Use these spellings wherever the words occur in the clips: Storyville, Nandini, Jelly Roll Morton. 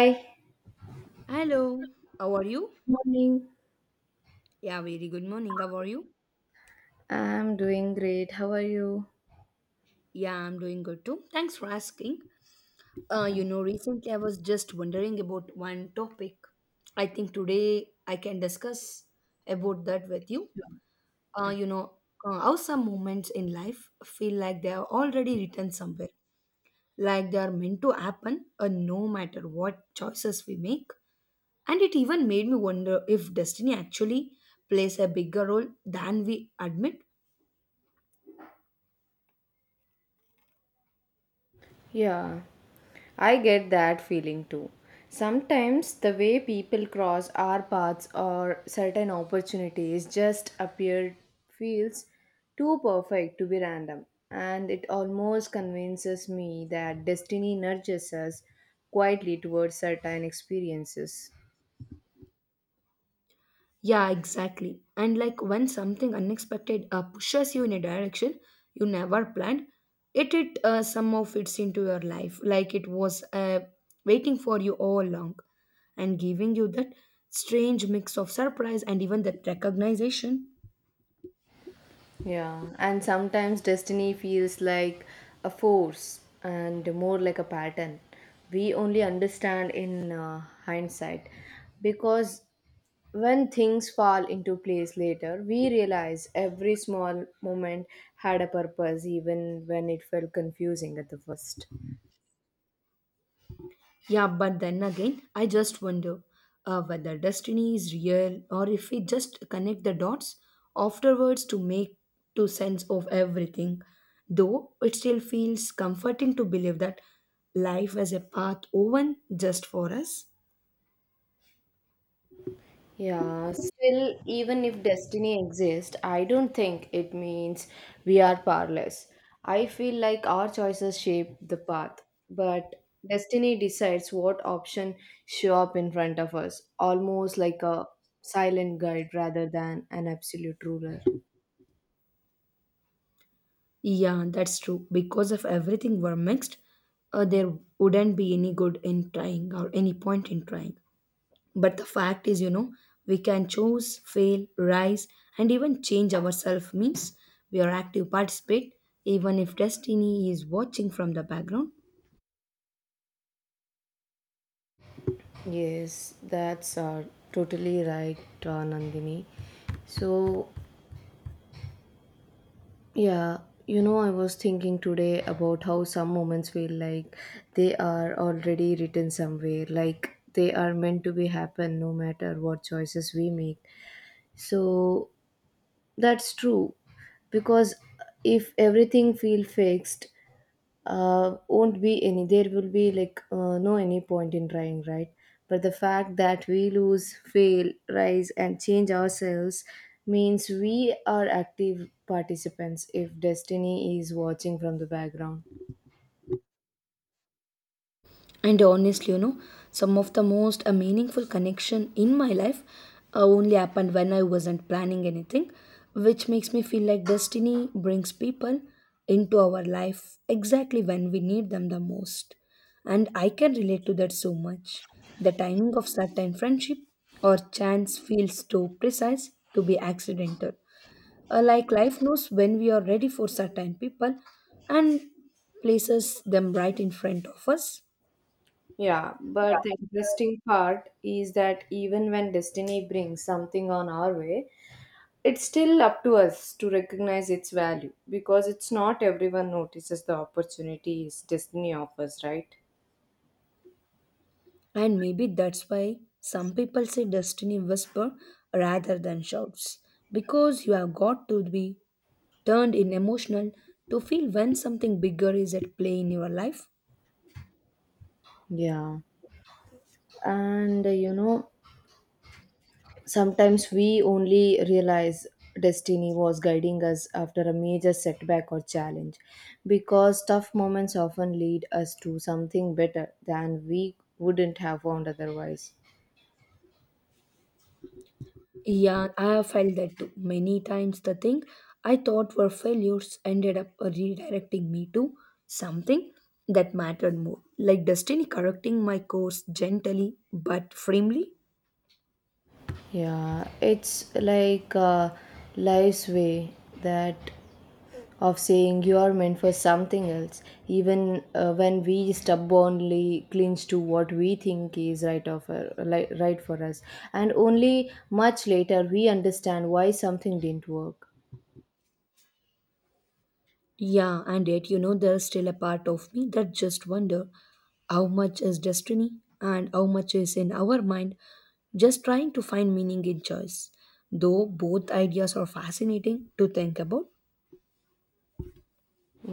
Hi. Hello, how are you? Morning. Yeah, very good morning. How are you? I'm doing great. How are you? Yeah, I'm doing good too. Thanks for asking. You know, recently I was just wondering about one topic. I think today I can discuss about that with you. Uh, Yeah. you know, how some moments in life feel like they are already written somewhere, like they are meant to happen, no matter what choices we make. And it even made me wonder if destiny actually plays a bigger role than we admit. Yeah, I get that feeling too. Sometimes the way people cross our paths or certain opportunities just appear feels too perfect to be random, and it almost convinces me that destiny nudges us quietly towards certain experiences. Yeah, exactly. And like when something unexpected pushes you in a direction you never planned, it somehow fits into your life like it was, waiting for you all along, and giving you that strange mix of surprise and even that recognition. Yeah, and sometimes destiny feels like a force and more like a pattern. We only understand in hindsight, because when things fall into place later, we realize every small moment had a purpose, even when it felt confusing at the first. Yeah, but then again, I just wonder, whether destiny is real or if we just connect the dots afterwards to make to sense of everything. Though it still feels comforting to believe that life is a path woven just for us. Yeah, still, even if destiny exists, I don't think it means we are powerless. I feel like our choices shape the path, but destiny decides what option show up in front of us, almost like a silent guide rather than an absolute ruler. Yeah, that's true. Because if everything were mixed, there wouldn't be any good in trying or any point in trying. But the fact is, you know, we can choose, fail, rise, and even change ourselves means we are active participate even if destiny is watching from the background. Yes, that's totally right, Nandini. So yeah, you know, I was thinking today about how some moments feel like they are already written somewhere, like they are meant to be happen no matter what choices we make. So that's true, because if everything feel fixed, won't be any, there will be like no any point in trying, right? But the fact that we lose, fail, rise and change ourselves means we are active participants if destiny is watching from the background. And honestly, you know, some of the most meaningful connection in my life only happened when I wasn't planning anything, which makes me feel like destiny brings people into our life exactly when we need them the most. And I can relate to that so much. The timing of certain friendship or chance feels too precise to be accidental. Like life knows when we are ready for certain people and places them right in front of us. Yeah, but the interesting part is that even when destiny brings something on our way, it's still up to us to recognize its value, because it's not everyone notices the opportunities destiny offers, right? And maybe that's why some people say destiny whisper rather than shouts. Because you have got to be turned in emotional to feel when something bigger is at play in your life. Yeah, and you know, sometimes we only realize destiny was guiding us after a major setback or challenge, because tough moments often lead us to something better than we wouldn't have found otherwise. Yeah, I have felt that too. Many times the thing I thought were failures ended up redirecting me to something that mattered more. Like destiny correcting my course gently but firmly. Yeah, it's like life's way that of saying you are meant for something else, even when we stubbornly clinch to what we think is right of li right for us, and only much later we understand why something didn't work. Yeah, and yet, you know, there's still a part of me that just wonder how much is destiny and how much is in our mind just trying to find meaning in choice. Though both ideas are fascinating to think about.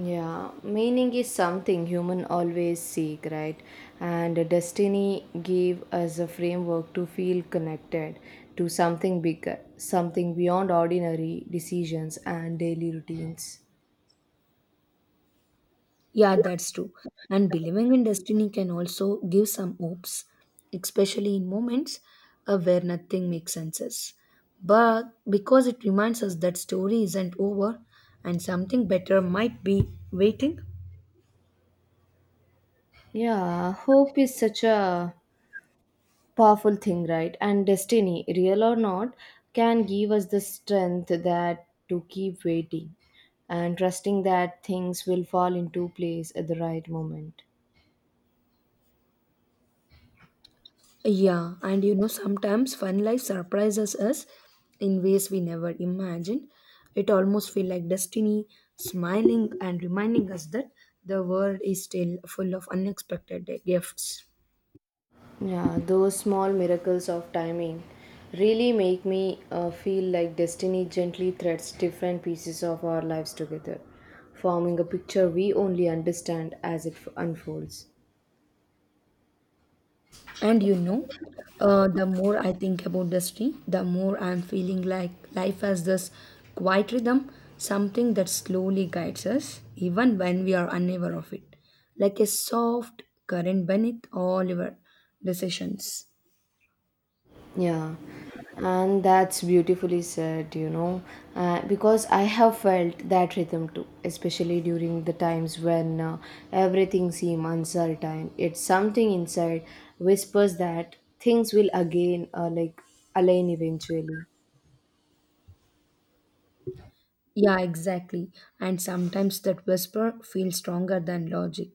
Yeah, meaning is something human always seek, right? And destiny gave us a framework to feel connected to something bigger, something beyond ordinary decisions and daily routines. Yeah, that's true. And believing in destiny can also give some hopes, especially in moments where nothing makes sense. But because it reminds us that story isn't over and something better might be waiting. Yeah, hope is such a powerful thing, right? And destiny, real or not, can give us the strength that to keep waiting and trusting that things will fall into place at the right moment. Yeah, and you know, sometimes fun life surprises us in ways we never imagined. It almost feels like destiny smiling and reminding us that the world is still full of unexpected gifts. Yeah, those small miracles of timing really make me feel like destiny gently threads different pieces of our lives together, forming a picture we only understand as unfolds. And you know, the more I think about destiny, the more I'm feeling like life has this quiet rhythm, something that slowly guides us, even when we are unaware of it, like a soft current beneath all our decisions. Yeah, and that's beautifully said, you know, because I have felt that rhythm too, especially during the times when everything seems uncertain. It's something inside whispers that things will again like align eventually. Yeah, exactly. And sometimes that whisper feels stronger than logic,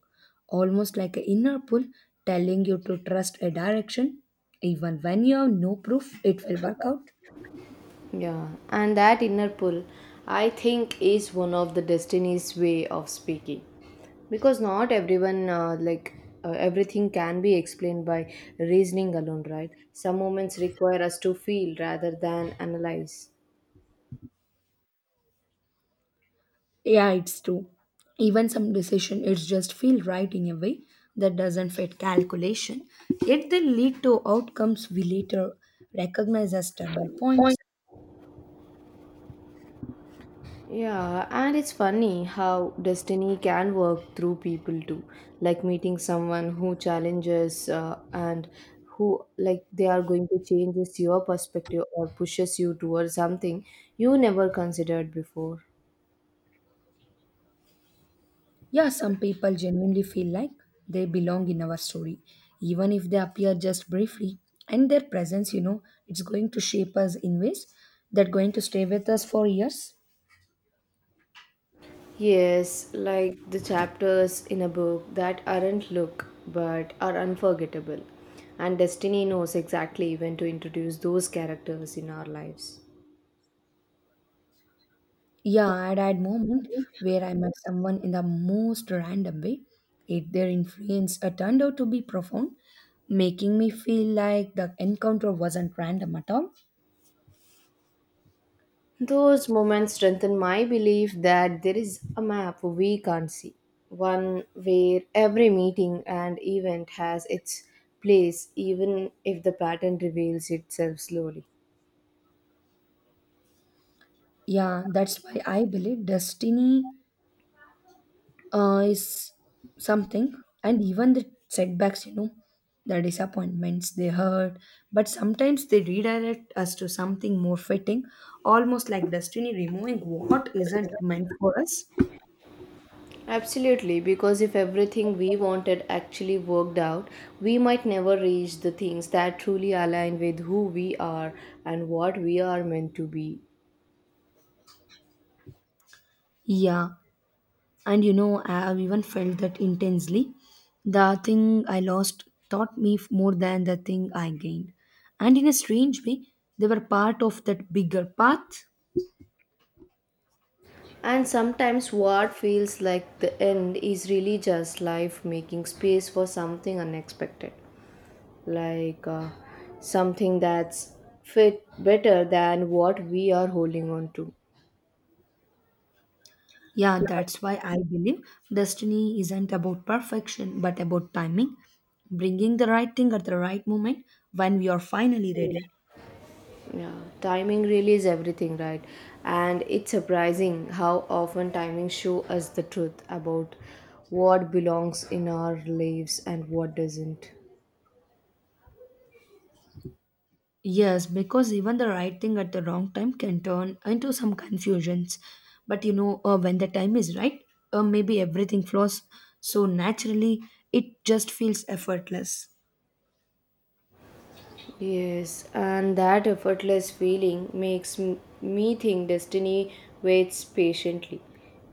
almost like an inner pull telling you to trust a direction, even when you have no proof it will work out. Yeah, and that inner pull, I think, is one of the destiny's way of speaking, because not everyone everything can be explained by reasoning alone, right? Some moments require us to feel rather than analyze. Yeah, it's true. Even some decision, it's just feel right in a way that doesn't fit calculation, yet they lead to outcomes we later recognize as turning points. Yeah, and it's funny how destiny can work through people too. Like meeting someone who challenges and who, like, they are going to change your perspective or pushes you towards something you never considered before. Yeah, some people genuinely feel like they belong in our story, even if they appear just briefly. And their presence, you know, it's going to shape us in ways that going to stay with us for years. Yes, like the chapters in a book that aren't look but are unforgettable. And destiny knows exactly when to introduce those characters in our lives. Yeah, I'd had moment where I met someone in the most random way. It, their influence turned out to be profound, making me feel like the encounter wasn't random at all. Those moments strengthen my belief that there is a map we can't see, one where every meeting and event has its place, even if the pattern reveals itself slowly. Yeah, that's why I believe destiny is something. And even the setbacks, you know, the disappointments, they hurt, but sometimes they redirect us to something more fitting, almost like destiny removing what isn't meant for us. Absolutely, because if everything we wanted actually worked out, we might never reach the things that truly align with who we are and what we are meant to be. Yeah, and you know, I have even felt that intensely. The thing I lost taught me more than the thing I gained, and in a strange way, they were part of that bigger path. And sometimes what feels like the end is really just life making space for something unexpected. Like something that's fit better than what we are holding on to. Yeah, that's why I believe destiny isn't about perfection, but about timing, bringing the right thing at the right moment when we are finally ready. Yeah, timing really is everything, right? And it's surprising how often timing show us the truth about what belongs in our lives and what doesn't. Yes, because even the right thing at the wrong time can turn into some confusions. But you know, when the time is right, maybe everything flows so naturally, it just feels effortless. Yes, and that effortless feeling makes me think destiny waits patiently.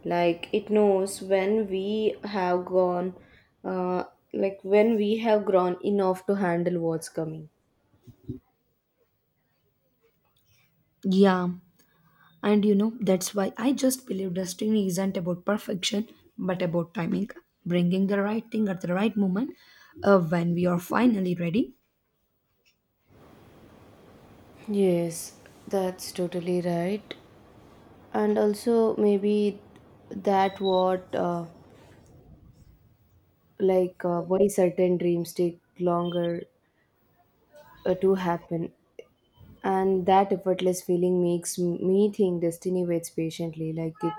Like it knows when we have gone, uh, when we have grown enough to handle what's coming. Yeah. And you know, that's why I just believe destiny isn't about perfection, but about timing, bringing the right thing at the right moment when we are finally ready. Yes, that's totally right. And also, maybe that what, why certain dreams take longer to happen, and that effortless feeling makes me think destiny waits patiently like it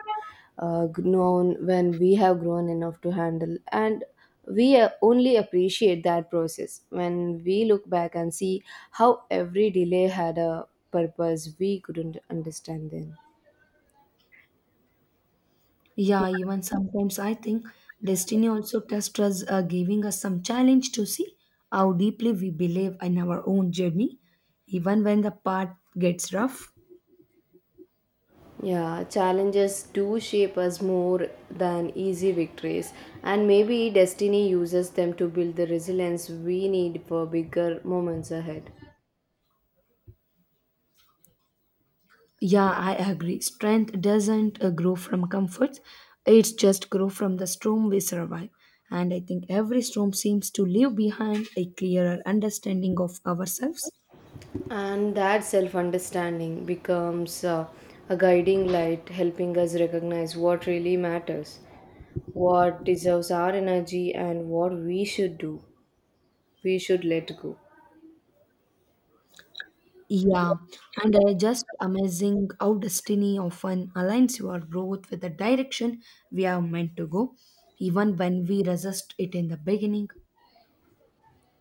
grown when we have grown enough to handle, and we only appreciate that process when we look back and see how every delay had a purpose we couldn't understand then. Yeah, even sometimes I think destiny also tests us, giving us some challenge to see how deeply we believe in our own journey, even when the path gets rough. Yeah, challenges do shape us more than easy victories, and maybe destiny uses them to build the resilience we need for bigger moments ahead. Yeah, I agree. Strength doesn't grow from comfort. It's just grow from the storm we survive. And I think every storm seems to leave behind a clearer understanding of ourselves. And that self understanding becomes a guiding light, helping us recognize what really matters, what deserves our energy, and what we should do. We should let go. Yeah, and just amazing how destiny often aligns your growth with the direction we are meant to go, even when we resist it in the beginning.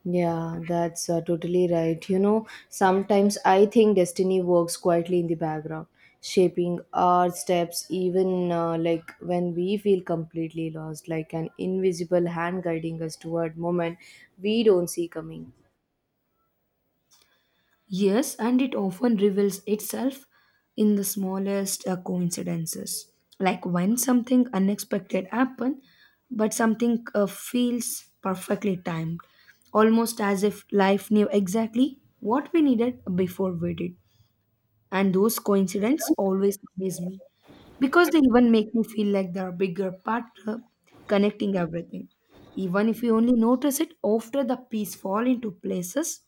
Yeah, that's totally right. You know, sometimes I think destiny works quietly in the background, shaping our steps even when we feel completely lost, like an invisible hand guiding us toward moment we don't see coming. Yes, and it often reveals itself in the smallest coincidences, like when something unexpected happens, but something feels perfectly timed, almost as if life knew exactly what we needed before we did. And those coincidences always amaze me because they even make me feel like there are bigger part connecting everything, even if we only notice it after the piece fall into places.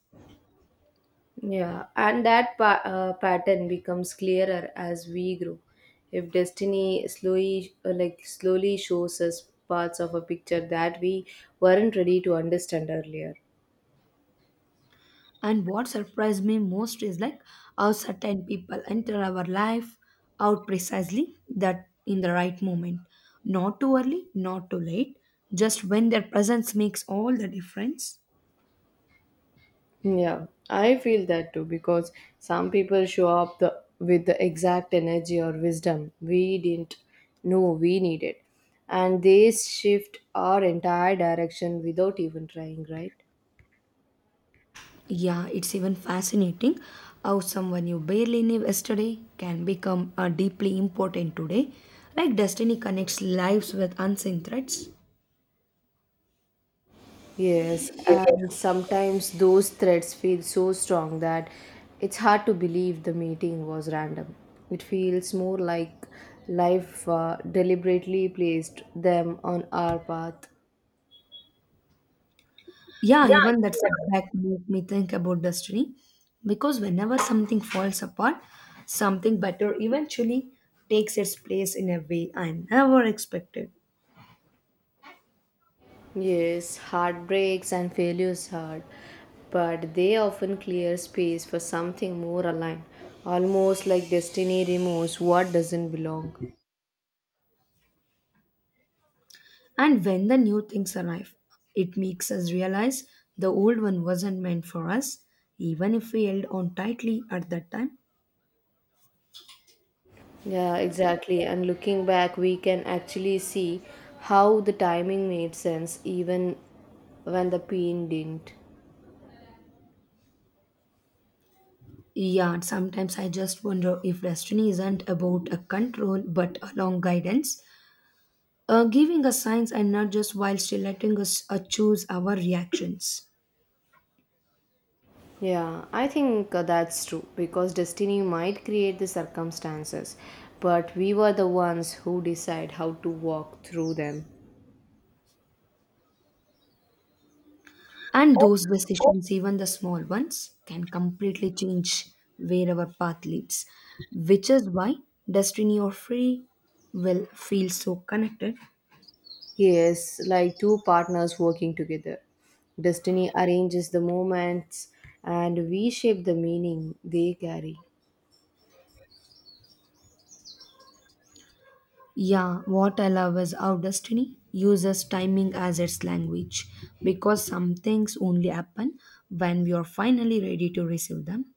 Yeah, and that pattern becomes clearer as we grow. If destiny slowly, slowly shows us parts of a picture that we weren't ready to understand earlier. And what surprised me most is like how certain people enter our life out precisely that in the right moment. Not too early, not too late, just when their presence makes all the difference. Yeah, I feel that too, because some people show up the, with the exact energy or wisdom we didn't know we needed, and they shift our entire direction without even trying, right? Yeah, it's even fascinating how someone you barely knew yesterday can become deeply important today. Like destiny connects lives with unseen threads. Yes, and sometimes those threads feel so strong that it's hard to believe the meeting was random. It feels more like life deliberately placed them on our path. Yeah, Yeah, I even that think that- setback make me think about destiny, because whenever something falls apart, something better eventually takes its place in a way I never expected. Yes, heartbreaks and failures hurt, but they often clear space for something more aligned, almost like destiny removes what doesn't belong. And when the new things arrive, it makes us realize the old one wasn't meant for us, even if we held on tightly at that time. Yeah, exactly. And looking back, we can actually see how the timing made sense even when the pain didn't. Yeah, sometimes I just wonder if destiny isn't about a control but a long guidance, giving us signs and not just while still letting us choose our reactions. Yeah, I think that's true, because destiny might create the circumstances, but we were the ones who decide how to walk through them. And those decisions, even the small ones, can completely change where our path leads, which is why destiny or free will feel so connected. Yes, like two partners working together. Destiny arranges the moments and we shape the meaning they carry. Yeah, what I love is how destiny uses timing as its language because some things only happen when we are finally ready to receive them.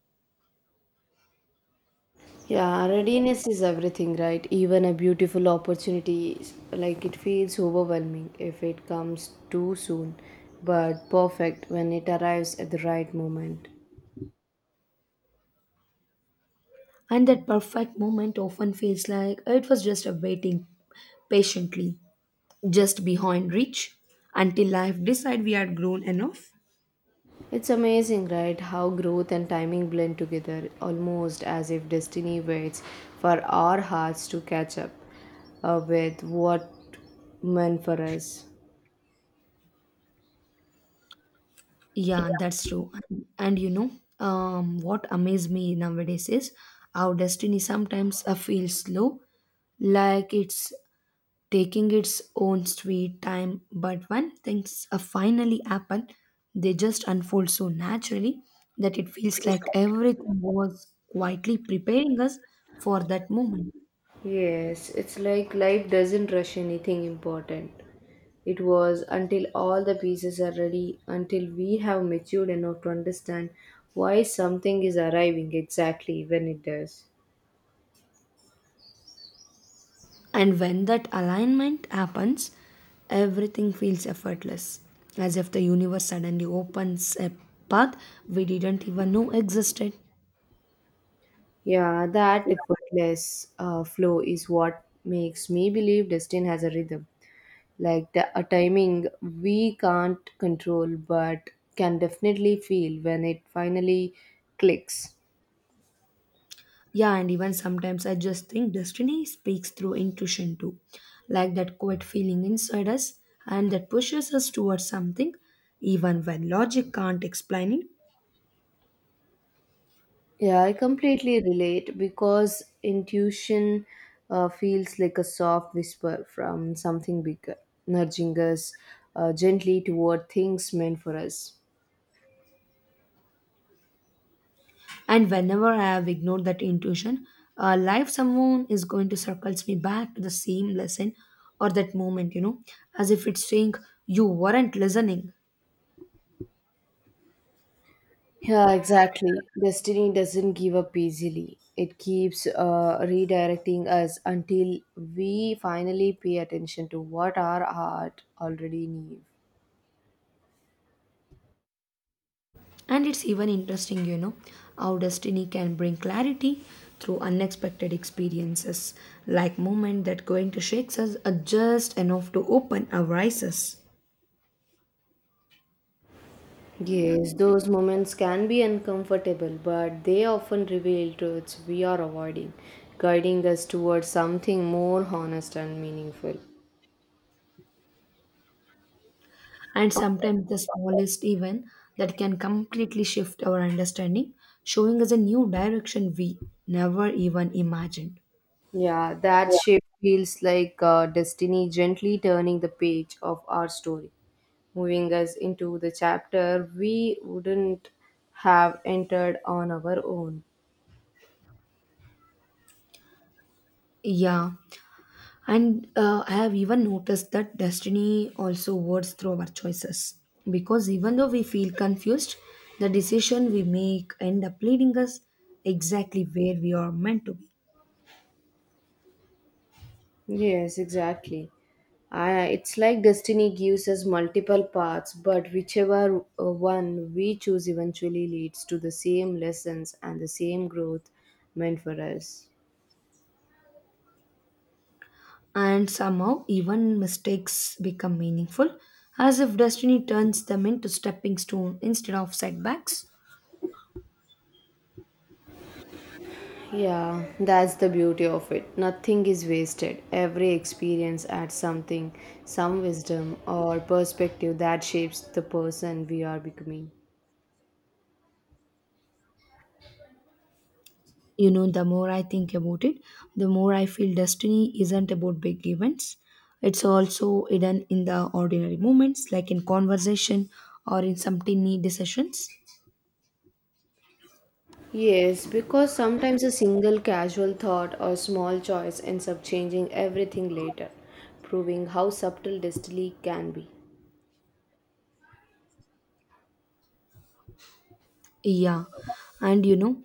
Yeah, readiness is everything, right? Even a beautiful opportunity, like it feels overwhelming if it comes too soon, but perfect when it arrives at the right moment. And that perfect moment often feels like it was just a waiting patiently, just behind reach, until life decide we had grown enough. It's amazing, right? How growth and timing blend together, almost as if destiny waits for our hearts to catch up with what meant for us. Yeah, that's true. And you know, what amazes me nowadays is how destiny sometimes feels slow, like it's taking its own sweet time. But when things finally happen, they just unfold so naturally that it feels like everything was quietly preparing us for that moment. Yes, it's like life doesn't rush anything important. It was until all the pieces are ready, until we have matured enough to understand why something is arriving exactly when it does. And when that alignment happens, everything feels effortless, as if the universe suddenly opens a path we didn't even know existed. Yeah, that effortless flow is what makes me believe destiny has a rhythm. Like the, a timing we can't control but can definitely feel when it finally clicks. Yeah, and even sometimes I just think destiny speaks through intuition too, like that quiet feeling inside us and that pushes us towards something, even when logic can't explain it. Yeah, I completely relate, because intuition feels like a soft whisper from something bigger, nudging us gently toward things meant for us. And whenever I have ignored that intuition, life someone is going to circles me back to the same lesson or that moment, you know, as if it's saying you weren't listening. Yeah, exactly. Destiny doesn't give up easily. It keeps redirecting us until we finally pay attention to what our heart already knew. And it's even interesting, you know, how destiny can bring clarity through unexpected experiences, like moments that going to shakes us are just enough to open our eyes. Yes, those moments can be uncomfortable, but they often reveal truths we are avoiding, guiding us towards something more honest and meaningful. And sometimes the smallest event that can completely shift our understanding, showing us a new direction we never even imagined. Yeah, that shift feels like destiny gently turning the page of our story, moving us into the chapter we wouldn't have entered on our own. Yeah. And I have even noticed that destiny also works through our choices. Because even though we feel confused, the decision we make end up leading us exactly where we are meant to be. Yes, exactly. I, it's like destiny gives us multiple paths, but whichever one we choose eventually leads to the same lessons and the same growth meant for us. And somehow, even mistakes become meaningful, as if destiny turns them into stepping stone instead of setbacks. Yeah, that's the beauty of it. Nothing is wasted. Every experience adds something, some wisdom or perspective that shapes the person we are becoming. You know, the more I think about it, the more I feel destiny isn't about big events. It's also hidden in the ordinary moments, like in conversation or in some tiny decisions. Yes, because sometimes a single casual thought or small choice ends up changing everything later, proving how subtle destiny can be. Yeah. And you know,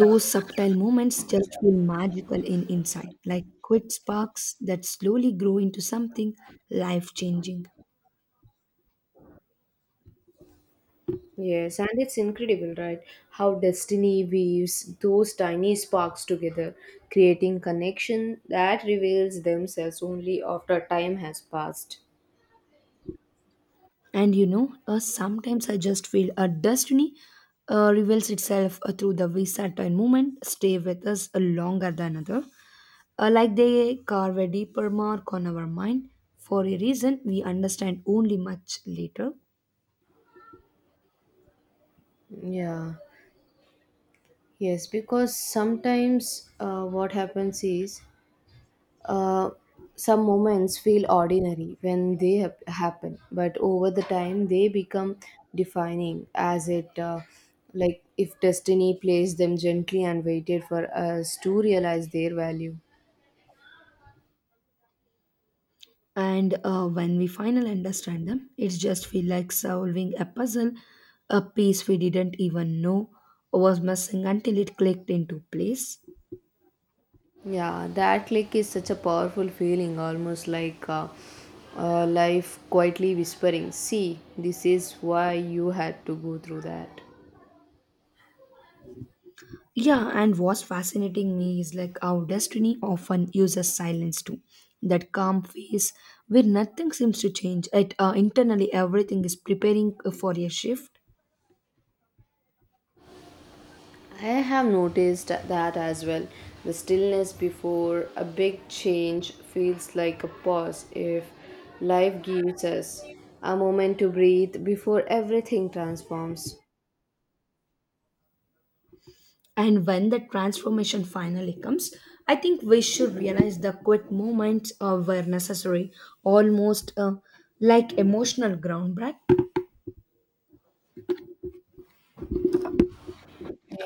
those subtle moments just feel magical in inside, like quick sparks that slowly grow into something life changing. Yes, and it's incredible, right? How destiny weaves those tiny sparks together, creating connection that reveals themselves only after time has passed. And you know, sometimes I just feel a destiny reveals itself through the Saturn movement, stay with us longer than other. Like they carve a deeper mark on our mind for a reason we understand only much later. Yeah, yes, because sometimes what happens is Uh, some moments feel ordinary when they happen, but over the time they become defining as it, like if destiny placed them gently and waited for us to realize their value. And when we finally understand them, it just feels like solving a puzzle, a piece we didn't even know was missing until it clicked into place. Yeah, that click is such a powerful feeling, almost like life quietly whispering, "See, this is why you had to go through that." Yeah, and what's fascinating me is like how destiny often uses silence too. That calm phase where nothing seems to change. It internally everything is preparing for a shift. I have noticed that as well. The stillness before a big change feels like a pause if life gives us a moment to breathe before everything transforms. And when the transformation finally comes, I think we should realize the quiet moments were necessary, almost, like emotional ground break.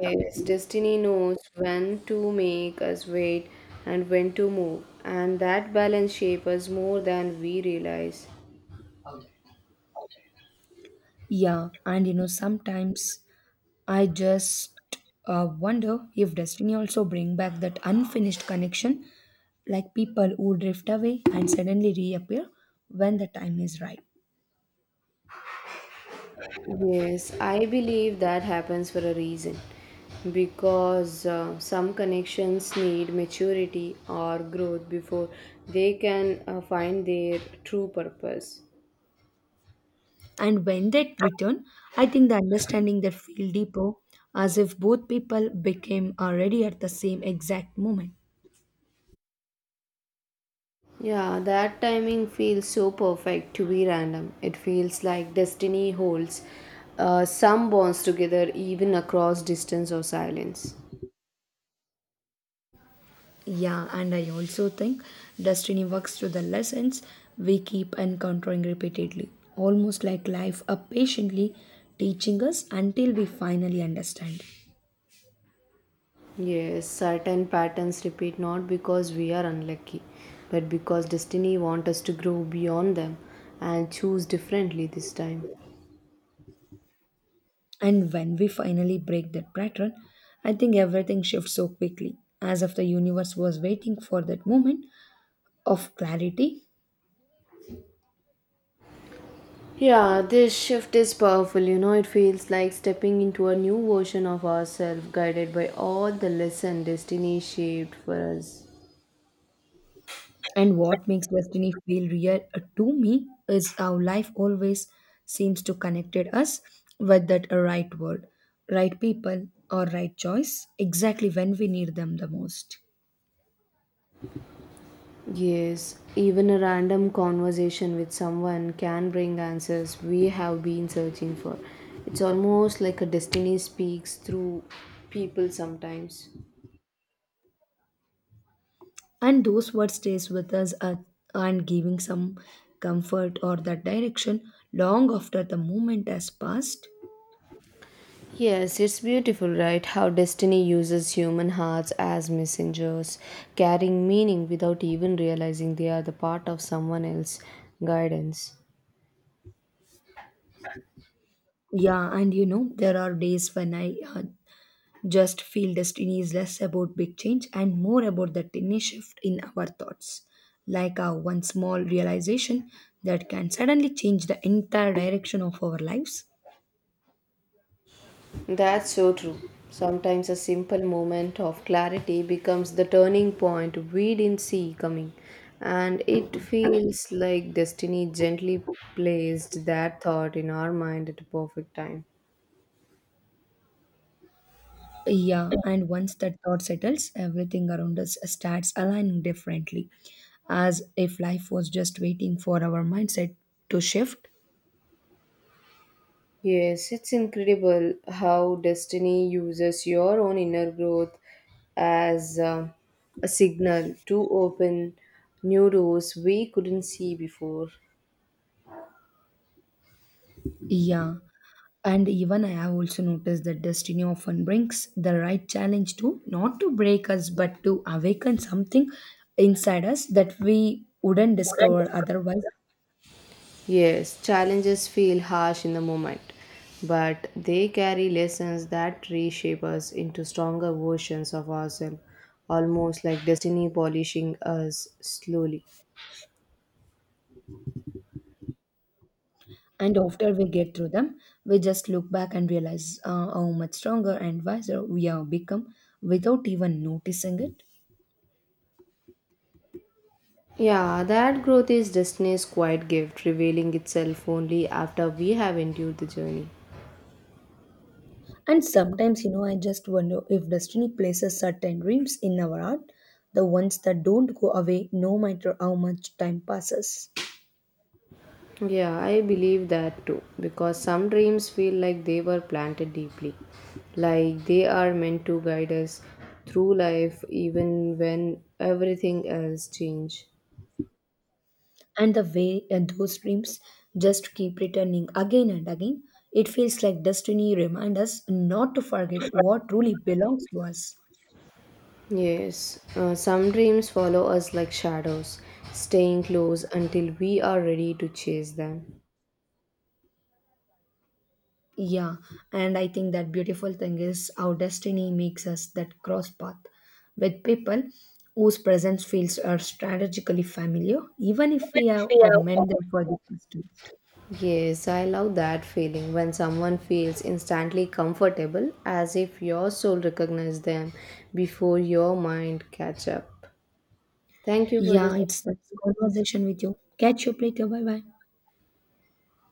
Yes, destiny knows when to make us wait and when to move, and that balance shapes us more than we realize. Yeah, and you know, sometimes I just wonder if destiny also bring back that unfinished connection, like people who drift away and suddenly reappear when the time is right. Yes, I believe that happens for a reason, because some connections need maturity or growth before they can find their true purpose. And when they return, I think the understanding that feel deeper, as if both people became already at the same exact moment. Yeah, that timing feels so perfect to be random. It feels like destiny holds some bonds together even across distance or silence. Yeah, and I also think destiny works through the lessons we keep encountering repeatedly, almost like life up patiently teaching us until we finally understand. Yes, certain patterns repeat not because we are unlucky, but because destiny wants us to grow beyond them and choose differently this time. And when we finally break that pattern, I think everything shifts so quickly, as if the universe was waiting for that moment of clarity. Yeah, this shift is powerful. You know, it feels like stepping into a new version of ourselves, guided by all the lesson destiny shaped for us. And what makes destiny feel real to me is how life always seems to connected us with that right word, right people, or right choice exactly when we need them the most. Yes, even a random conversation with someone can bring answers we have been searching for. It's almost like a destiny speaks through people sometimes. And those words stays with us, and giving some comfort or that direction long after the moment has passed. Yes, it's beautiful, right? How destiny uses human hearts as messengers, carrying meaning without even realizing they are the part of someone else's guidance. Yeah, and you know, there are days when I just feel destiny is less about big change and more about the tiny shift in our thoughts. Like one small realization that can suddenly change the entire direction of our lives. That's so true. Sometimes a simple moment of clarity becomes the turning point we didn't see coming, and it feels like destiny gently placed that thought in our mind at the perfect time. Yeah, and once that thought settles, everything around us starts aligning differently, as if life was just waiting for our mindset to shift. Yes, it's incredible how destiny uses your own inner growth as a signal to open new doors we couldn't see before. Yeah, and even I have also noticed that destiny often brings the right challenge to not to break us but to awaken something inside us that we wouldn't discover otherwise. Yes, challenges feel harsh in the moment, but they carry lessons that reshape us into stronger versions of ourselves, almost like destiny polishing us slowly. And after we get through them, we just look back and realize how much stronger and wiser we have become without even noticing it. Yeah, that growth is Disney's quiet gift, revealing itself only after we have endured the journey. And sometimes, you know, I just wonder if destiny places certain dreams in our heart, the ones that don't go away no matter how much time passes. Yeah, I believe that too, because some dreams feel like they were planted deeply, like they are meant to guide us through life even when everything else change. And the way those dreams just keep returning again and again, it feels like destiny reminds us not to forget what truly belongs to us. Yes, some dreams follow us like shadows, staying close until we are ready to chase them. Yeah, and I think that beautiful thing is how destiny makes us that cross path with people whose presence feels are strategically familiar, even if we have Even if met them for the first time. Yes, I love that feeling when someone feels instantly comfortable as if your soul recognizes them before your mind catch up. Thank you for this. Yeah, it's that conversation with you. Catch you later. Bye bye.